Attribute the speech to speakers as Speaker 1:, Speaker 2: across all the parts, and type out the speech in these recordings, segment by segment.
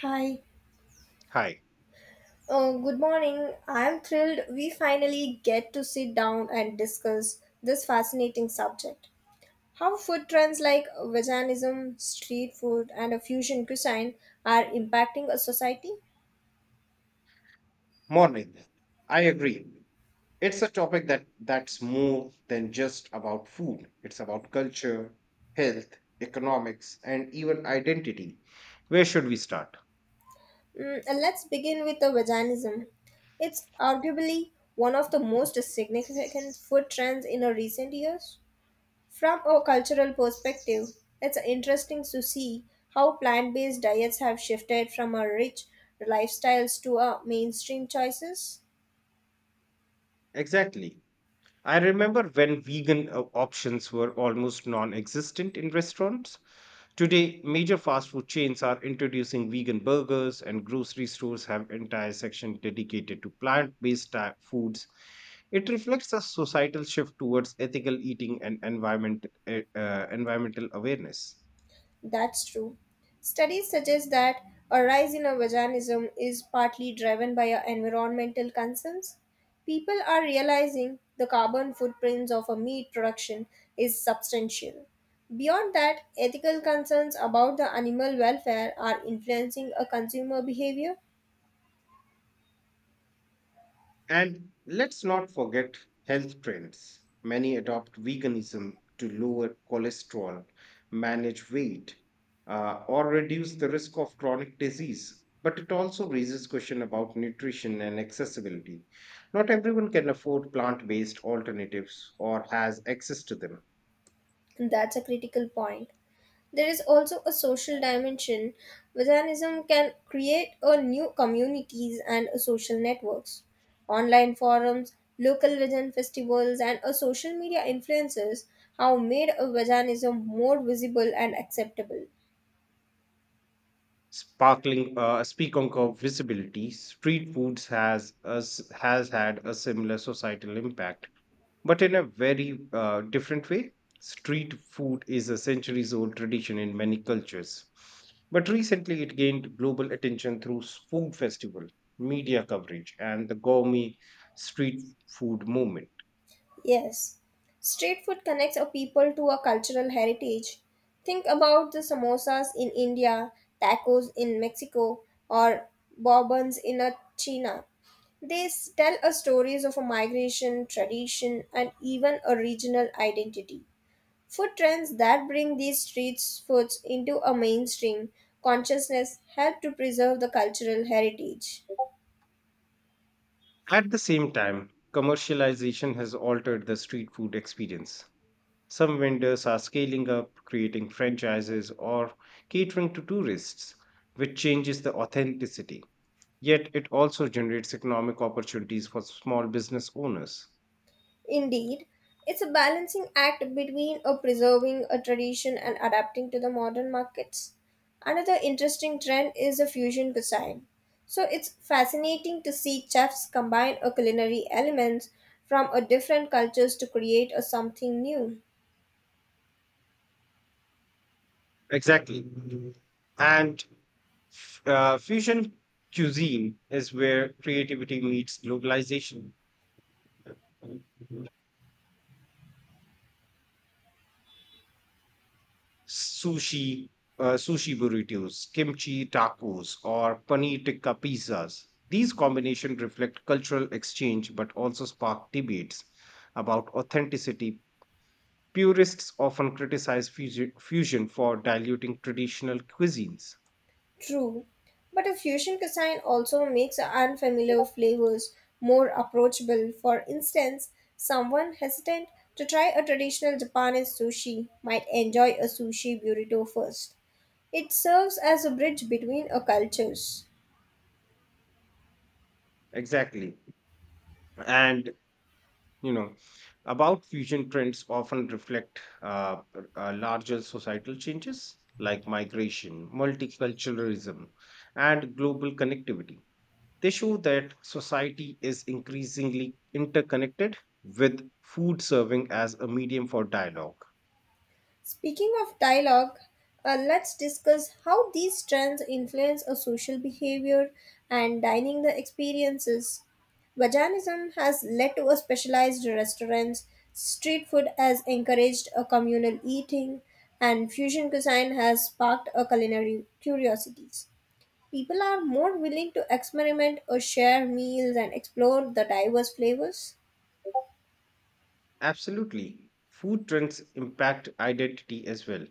Speaker 1: Hi.
Speaker 2: Hi,
Speaker 1: Oh, good morning. I'm thrilled we finally get to sit down and discuss this fascinating subject. How food trends like veganism, street food, and a fusion cuisine are impacting a society?
Speaker 2: morning. I agree. It's a topic that's more than just about food. It's about culture, health, economics, and even identity. Where should we start?
Speaker 1: Mm, and let's begin with the veganism. It's arguably one of the most significant food trends in the recent years. From a cultural perspective, it's interesting to see how plant based diets have shifted from our rich lifestyles to our mainstream choices.
Speaker 2: Exactly. I remember when vegan options were almost non-existent in restaurants. Today, major fast food chains are introducing vegan burgers, and grocery stores have entire sections dedicated to plant based foods. It reflects a societal shift towards ethical eating and environmental awareness.
Speaker 1: That's true. Studies suggest that a rise in our veganism is partly driven by our environmental concerns. People are realizing the carbon footprints of a meat production is substantial. Beyond that, ethical concerns about the animal welfare are influencing a consumer behavior.
Speaker 2: And let's not forget health trends. Many adopt veganism to lower cholesterol, manage weight, or reduce the risk of chronic disease. But it also raises question about nutrition and accessibility. Not everyone can afford plant-based alternatives or has access to them.
Speaker 1: That's a critical point. There is also a social dimension. Veganism can create a new communities and a social networks. Online forums, local vegan festivals, and a social media influences have made a veganism more visible and acceptable.
Speaker 2: Speaking of visibility, street foods has had a similar societal impact but in a very different way. Street food is a centuries old tradition in many cultures, but recently it gained global attention through food festival, media coverage, and the gourmet street food movement.
Speaker 1: Yes, street food connects a people to a cultural heritage. Think about the samosas in India, tacos in Mexico, or bourbons in China. They tell us stories of a migration, tradition, and even a regional identity. Food trends that bring these street foods into a mainstream consciousness help to preserve the cultural heritage.
Speaker 2: At the same time, commercialization has altered the street food experience. Some vendors are scaling up, creating franchises, or catering to tourists, which changes the authenticity. Yet it also generates economic opportunities for small business owners.
Speaker 1: Indeed, it's a balancing act between a preserving a tradition and adapting to the modern markets. Another interesting trend is the fusion cuisine. So it's fascinating to see chefs combine a culinary elements from a different cultures to create a something new.
Speaker 2: Exactly. And Fusion cuisine is where creativity meets globalization. Sushi, sushi burritos, kimchi tacos, or paneer tikka pizzas. These combinations reflect cultural exchange but also spark debates about authenticity. Purists often criticize fusion for diluting traditional cuisines.
Speaker 1: True, but a fusion cuisine also makes unfamiliar flavors more approachable. For instance, someone hesitant to try a traditional Japanese sushi might enjoy a sushi burrito first. It serves as a bridge between a cultures.
Speaker 2: Exactly. And, you know, about fusion trends often reflect larger societal changes like migration, multiculturalism, and global connectivity. They show that society is increasingly interconnected with food serving as a medium for dialogue.
Speaker 1: Speaking of dialogue, let's discuss how these trends influence our social behavior and dining the experiences. Vajanism has led to a specialized restaurants, street food has encouraged a communal eating, and fusion cuisine has sparked a culinary curiosities. People are more willing to experiment or share meals and explore the diverse flavors.
Speaker 2: Absolutely. Food trends impact identity as well.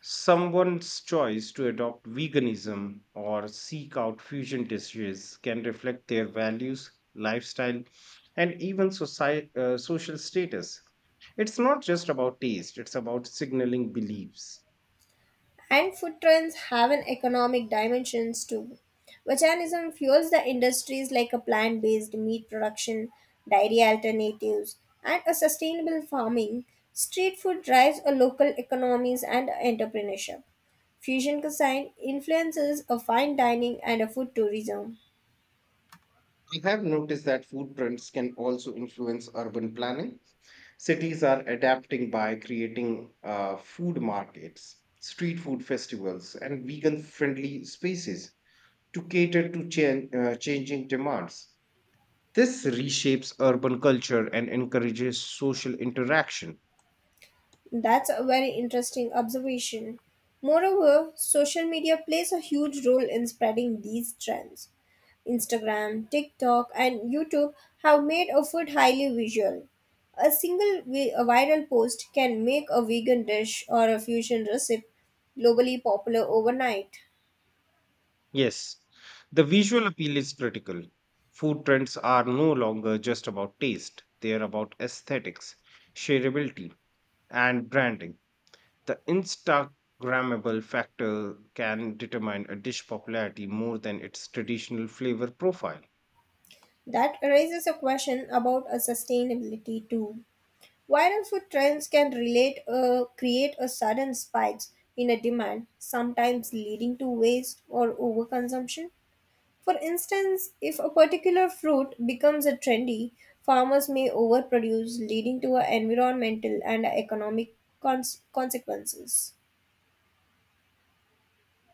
Speaker 2: Someone's choice to adopt veganism or seek out fusion dishes can reflect their values, lifestyle, and even social status. It's not just about taste, it's about signaling beliefs.
Speaker 1: And food trends have an economic dimensions too. Veganism fuels the industries like a plant-based meat production, dairy alternatives, and a sustainable farming. Street food drives a local economies and entrepreneurship. Fusion cuisine influences a fine dining and a food tourism.
Speaker 2: I have noticed that food trends can also influence urban planning. Cities are adapting by creating food markets, street food festivals, and vegan friendly spaces to cater to changing demands. This reshapes urban culture and encourages social interaction.
Speaker 1: That's a very interesting observation. Moreover, social media plays a huge role in spreading these trends. Instagram, TikTok, and YouTube have made a food highly visual. A viral post can make a vegan dish or a fusion recipe globally popular overnight.
Speaker 2: Yes, the visual appeal is critical. Food trends are no longer just about taste, they are about aesthetics, shareability, and branding. The Instagrammable factor can determine a dish popularity more than its traditional flavor profile.
Speaker 1: That raises a question about a sustainability too. Viral food trends can relate create a sudden spikes in a demand, sometimes leading to waste or overconsumption. For instance, if a particular fruit becomes a trendy, farmers may overproduce, leading to a environmental and economic consequences.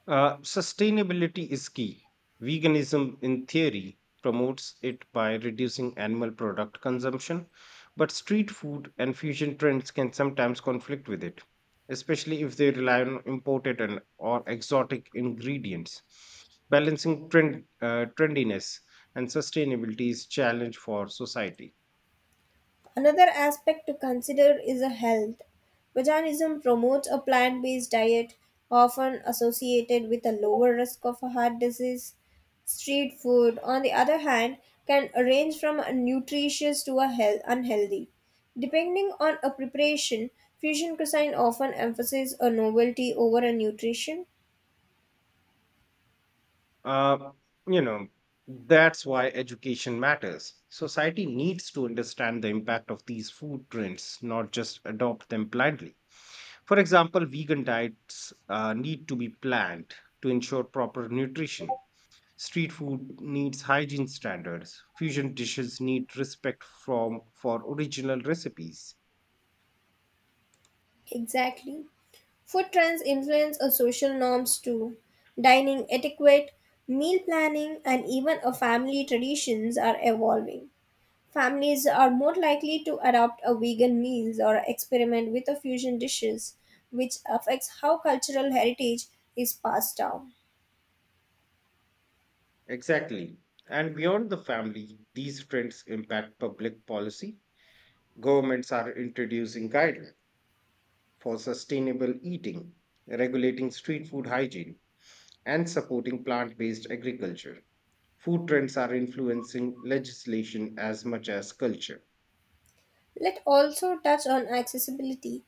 Speaker 2: Sustainability is key. Veganism, in theory, promotes it by reducing animal product consumption, but street food and fusion trends can sometimes conflict with it, especially if they rely on imported and or exotic ingredients. Balancing trendiness and sustainability is challenge for society.
Speaker 1: Another aspect to consider is a health. Veganism promotes a plant based diet, often associated with a lower risk of a heart disease. Street food, on the other hand, can range from a nutritious to a health unhealthy. Depending on a preparation, fusion cuisine often emphasizes a novelty over a nutrition.
Speaker 2: Uh, you know, that's why education matters. Society needs to understand the impact of these food trends, not just adopt them blindly. For example, vegan diets need to be planned to ensure proper nutrition. Street food needs hygiene standards. Fusion dishes need respect from for original recipes.
Speaker 1: Exactly. Food trends influence our social norms too. Dining etiquette, meal planning, and even our family traditions are evolving. Families are more likely to adopt a vegan meals or experiment with a fusion dishes, which affects how cultural heritage is passed down.
Speaker 2: Exactly. And beyond the family, these trends impact public policy. Governments are introducing guidelines for sustainable eating, regulating street food hygiene, and supporting plant based agriculture. Food trends are influencing legislation as much as culture.
Speaker 1: Let also touch on accessibility.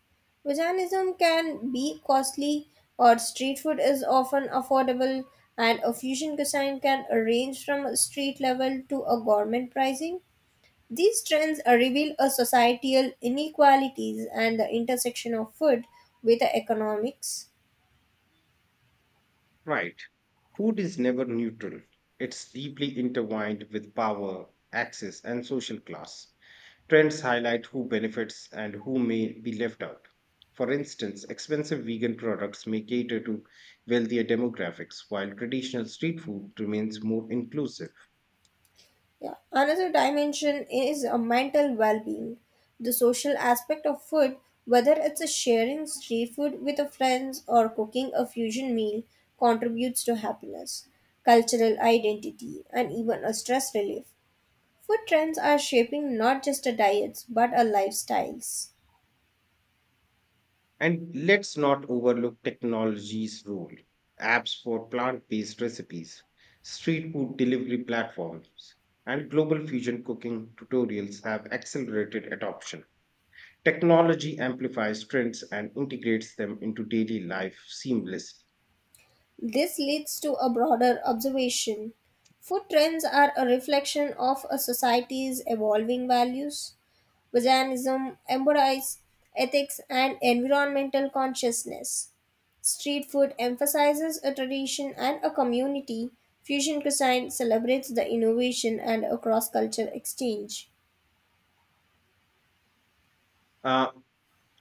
Speaker 1: Veganism can be costly, or street food is often affordable, and a fusion cuisine can range from a street level to a government pricing. These trends reveal a societal inequalities and the intersection of food with the economics.
Speaker 2: Right. Food is never neutral, it's deeply intertwined with power, access, and social class. Trends highlight who benefits and who may be left out. For instance, expensive vegan products may cater to wealthier demographics, while traditional street food remains more inclusive.
Speaker 1: Yeah. Another dimension is a mental well-being. The social aspect of food, whether it's a sharing street food with a friends or cooking a fusion meal, contributes to happiness, cultural identity, and even a stress relief. Food trends are shaping not just a diets but a lifestyles.
Speaker 2: And let's not overlook technology's role. Apps for plant based recipes, street food delivery platforms, and global fusion cooking tutorials have accelerated adoption. Technology amplifies trends and integrates them into daily life seamlessly.
Speaker 1: This leads to a broader observation. Food trends are a reflection of a society's evolving values. Veganism embodies ethics and environmental consciousness. Street food emphasizes a tradition and a community. Fusion cuisine celebrates the innovation and a cross cultural exchange.
Speaker 2: Uh,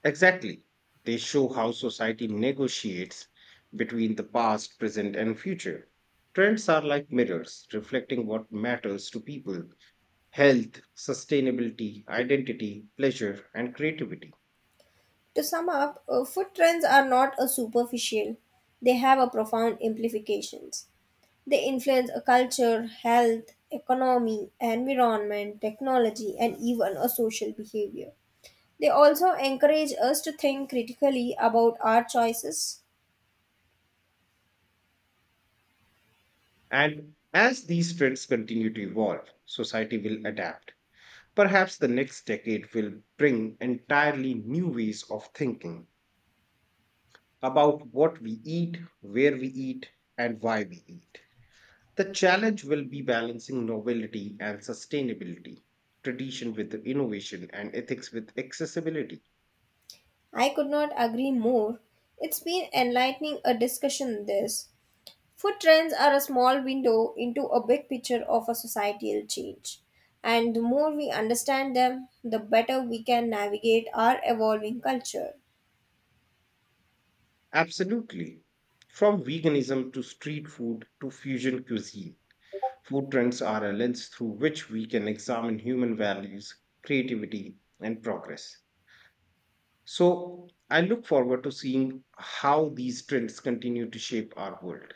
Speaker 2: exactly. They show how society negotiates between the past, present, and future. Trends are like mirrors, reflecting what matters to people health, sustainability, identity, pleasure, and creativity.
Speaker 1: To sum up, food trends are not a superficial, they have a profound implications. They influence a culture, health, economy, environment, technology, and even a social behavior. They also encourage us to think critically about our choices.
Speaker 2: And as these trends continue to evolve, society will adapt. Perhaps the next decade will bring entirely new ways of thinking about what we eat, where we eat, and why we eat. The challenge will be balancing novelty and sustainability, tradition with innovation, and ethics with accessibility.
Speaker 1: I could not agree more. It's been enlightening a discussion this. Food trends are a small window into a big picture of a societal change. And the more we understand them, the better we can navigate our evolving culture.
Speaker 2: Absolutely. From veganism to street food to fusion cuisine, food trends are a lens through which we can examine human values, creativity, and progress. So, I look forward to seeing how these trends continue to shape our world.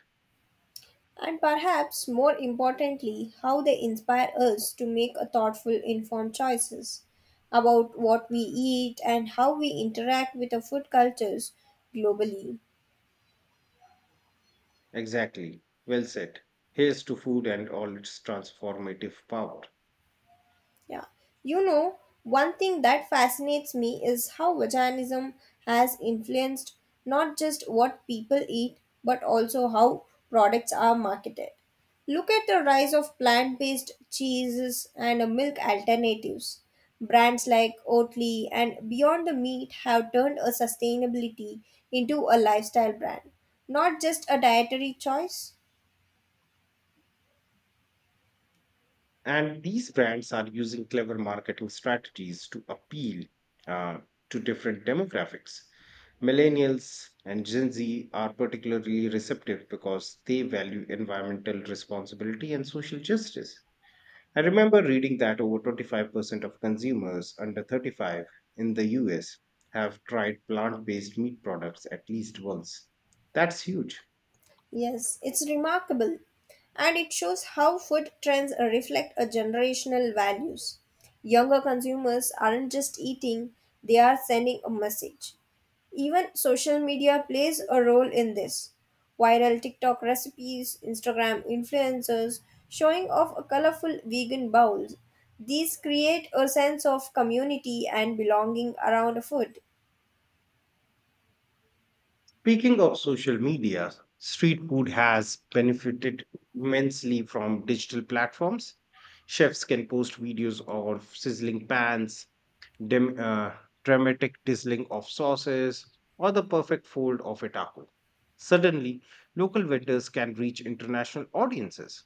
Speaker 1: And perhaps more importantly, how they inspire us to make a thoughtful, informed choices about what we eat and how we interact with the food cultures globally.
Speaker 2: Exactly. Well said. Here's to food and all its transformative power.
Speaker 1: Yeah. You know, one thing that fascinates me is how veganism has influenced not just what people eat, but also how products are marketed. Look at the rise of plant based cheeses and milk alternatives. Brands like Oatly and Beyond the Meat have turned a sustainability into a lifestyle brand, not just a dietary choice.
Speaker 2: And these brands are using clever marketing strategies to appeal uh, to different demographics. Millennials and Gen Z are particularly receptive because they value environmental responsibility and social justice. I remember reading that over 25% of consumers under 35 in the US have tried plant based meat products at least once. That's huge.
Speaker 1: Yes, it's remarkable. And it shows how food trends reflect a generational values. Younger consumers aren't just eating, they are sending a message. Even social media plays a role in this. Viral TikTok recipes, Instagram influencers showing off a colorful vegan bowls. These create a sense of community and belonging around food.
Speaker 2: Speaking of social media, street food has benefited immensely from digital platforms. Chefs can post videos of sizzling pans, dem- uh, dramatic sizzling of sauces, or the perfect fold of a taco. Suddenly, local vendors can reach international audiences.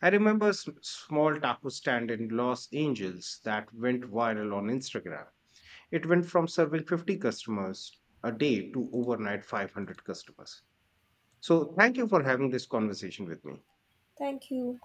Speaker 2: I remember a small taco stand in Los Angeles that went viral on Instagram. It went from serving 50 customers a day to overnight 500 customers. So, thank you for having this conversation with me.
Speaker 1: Thank you.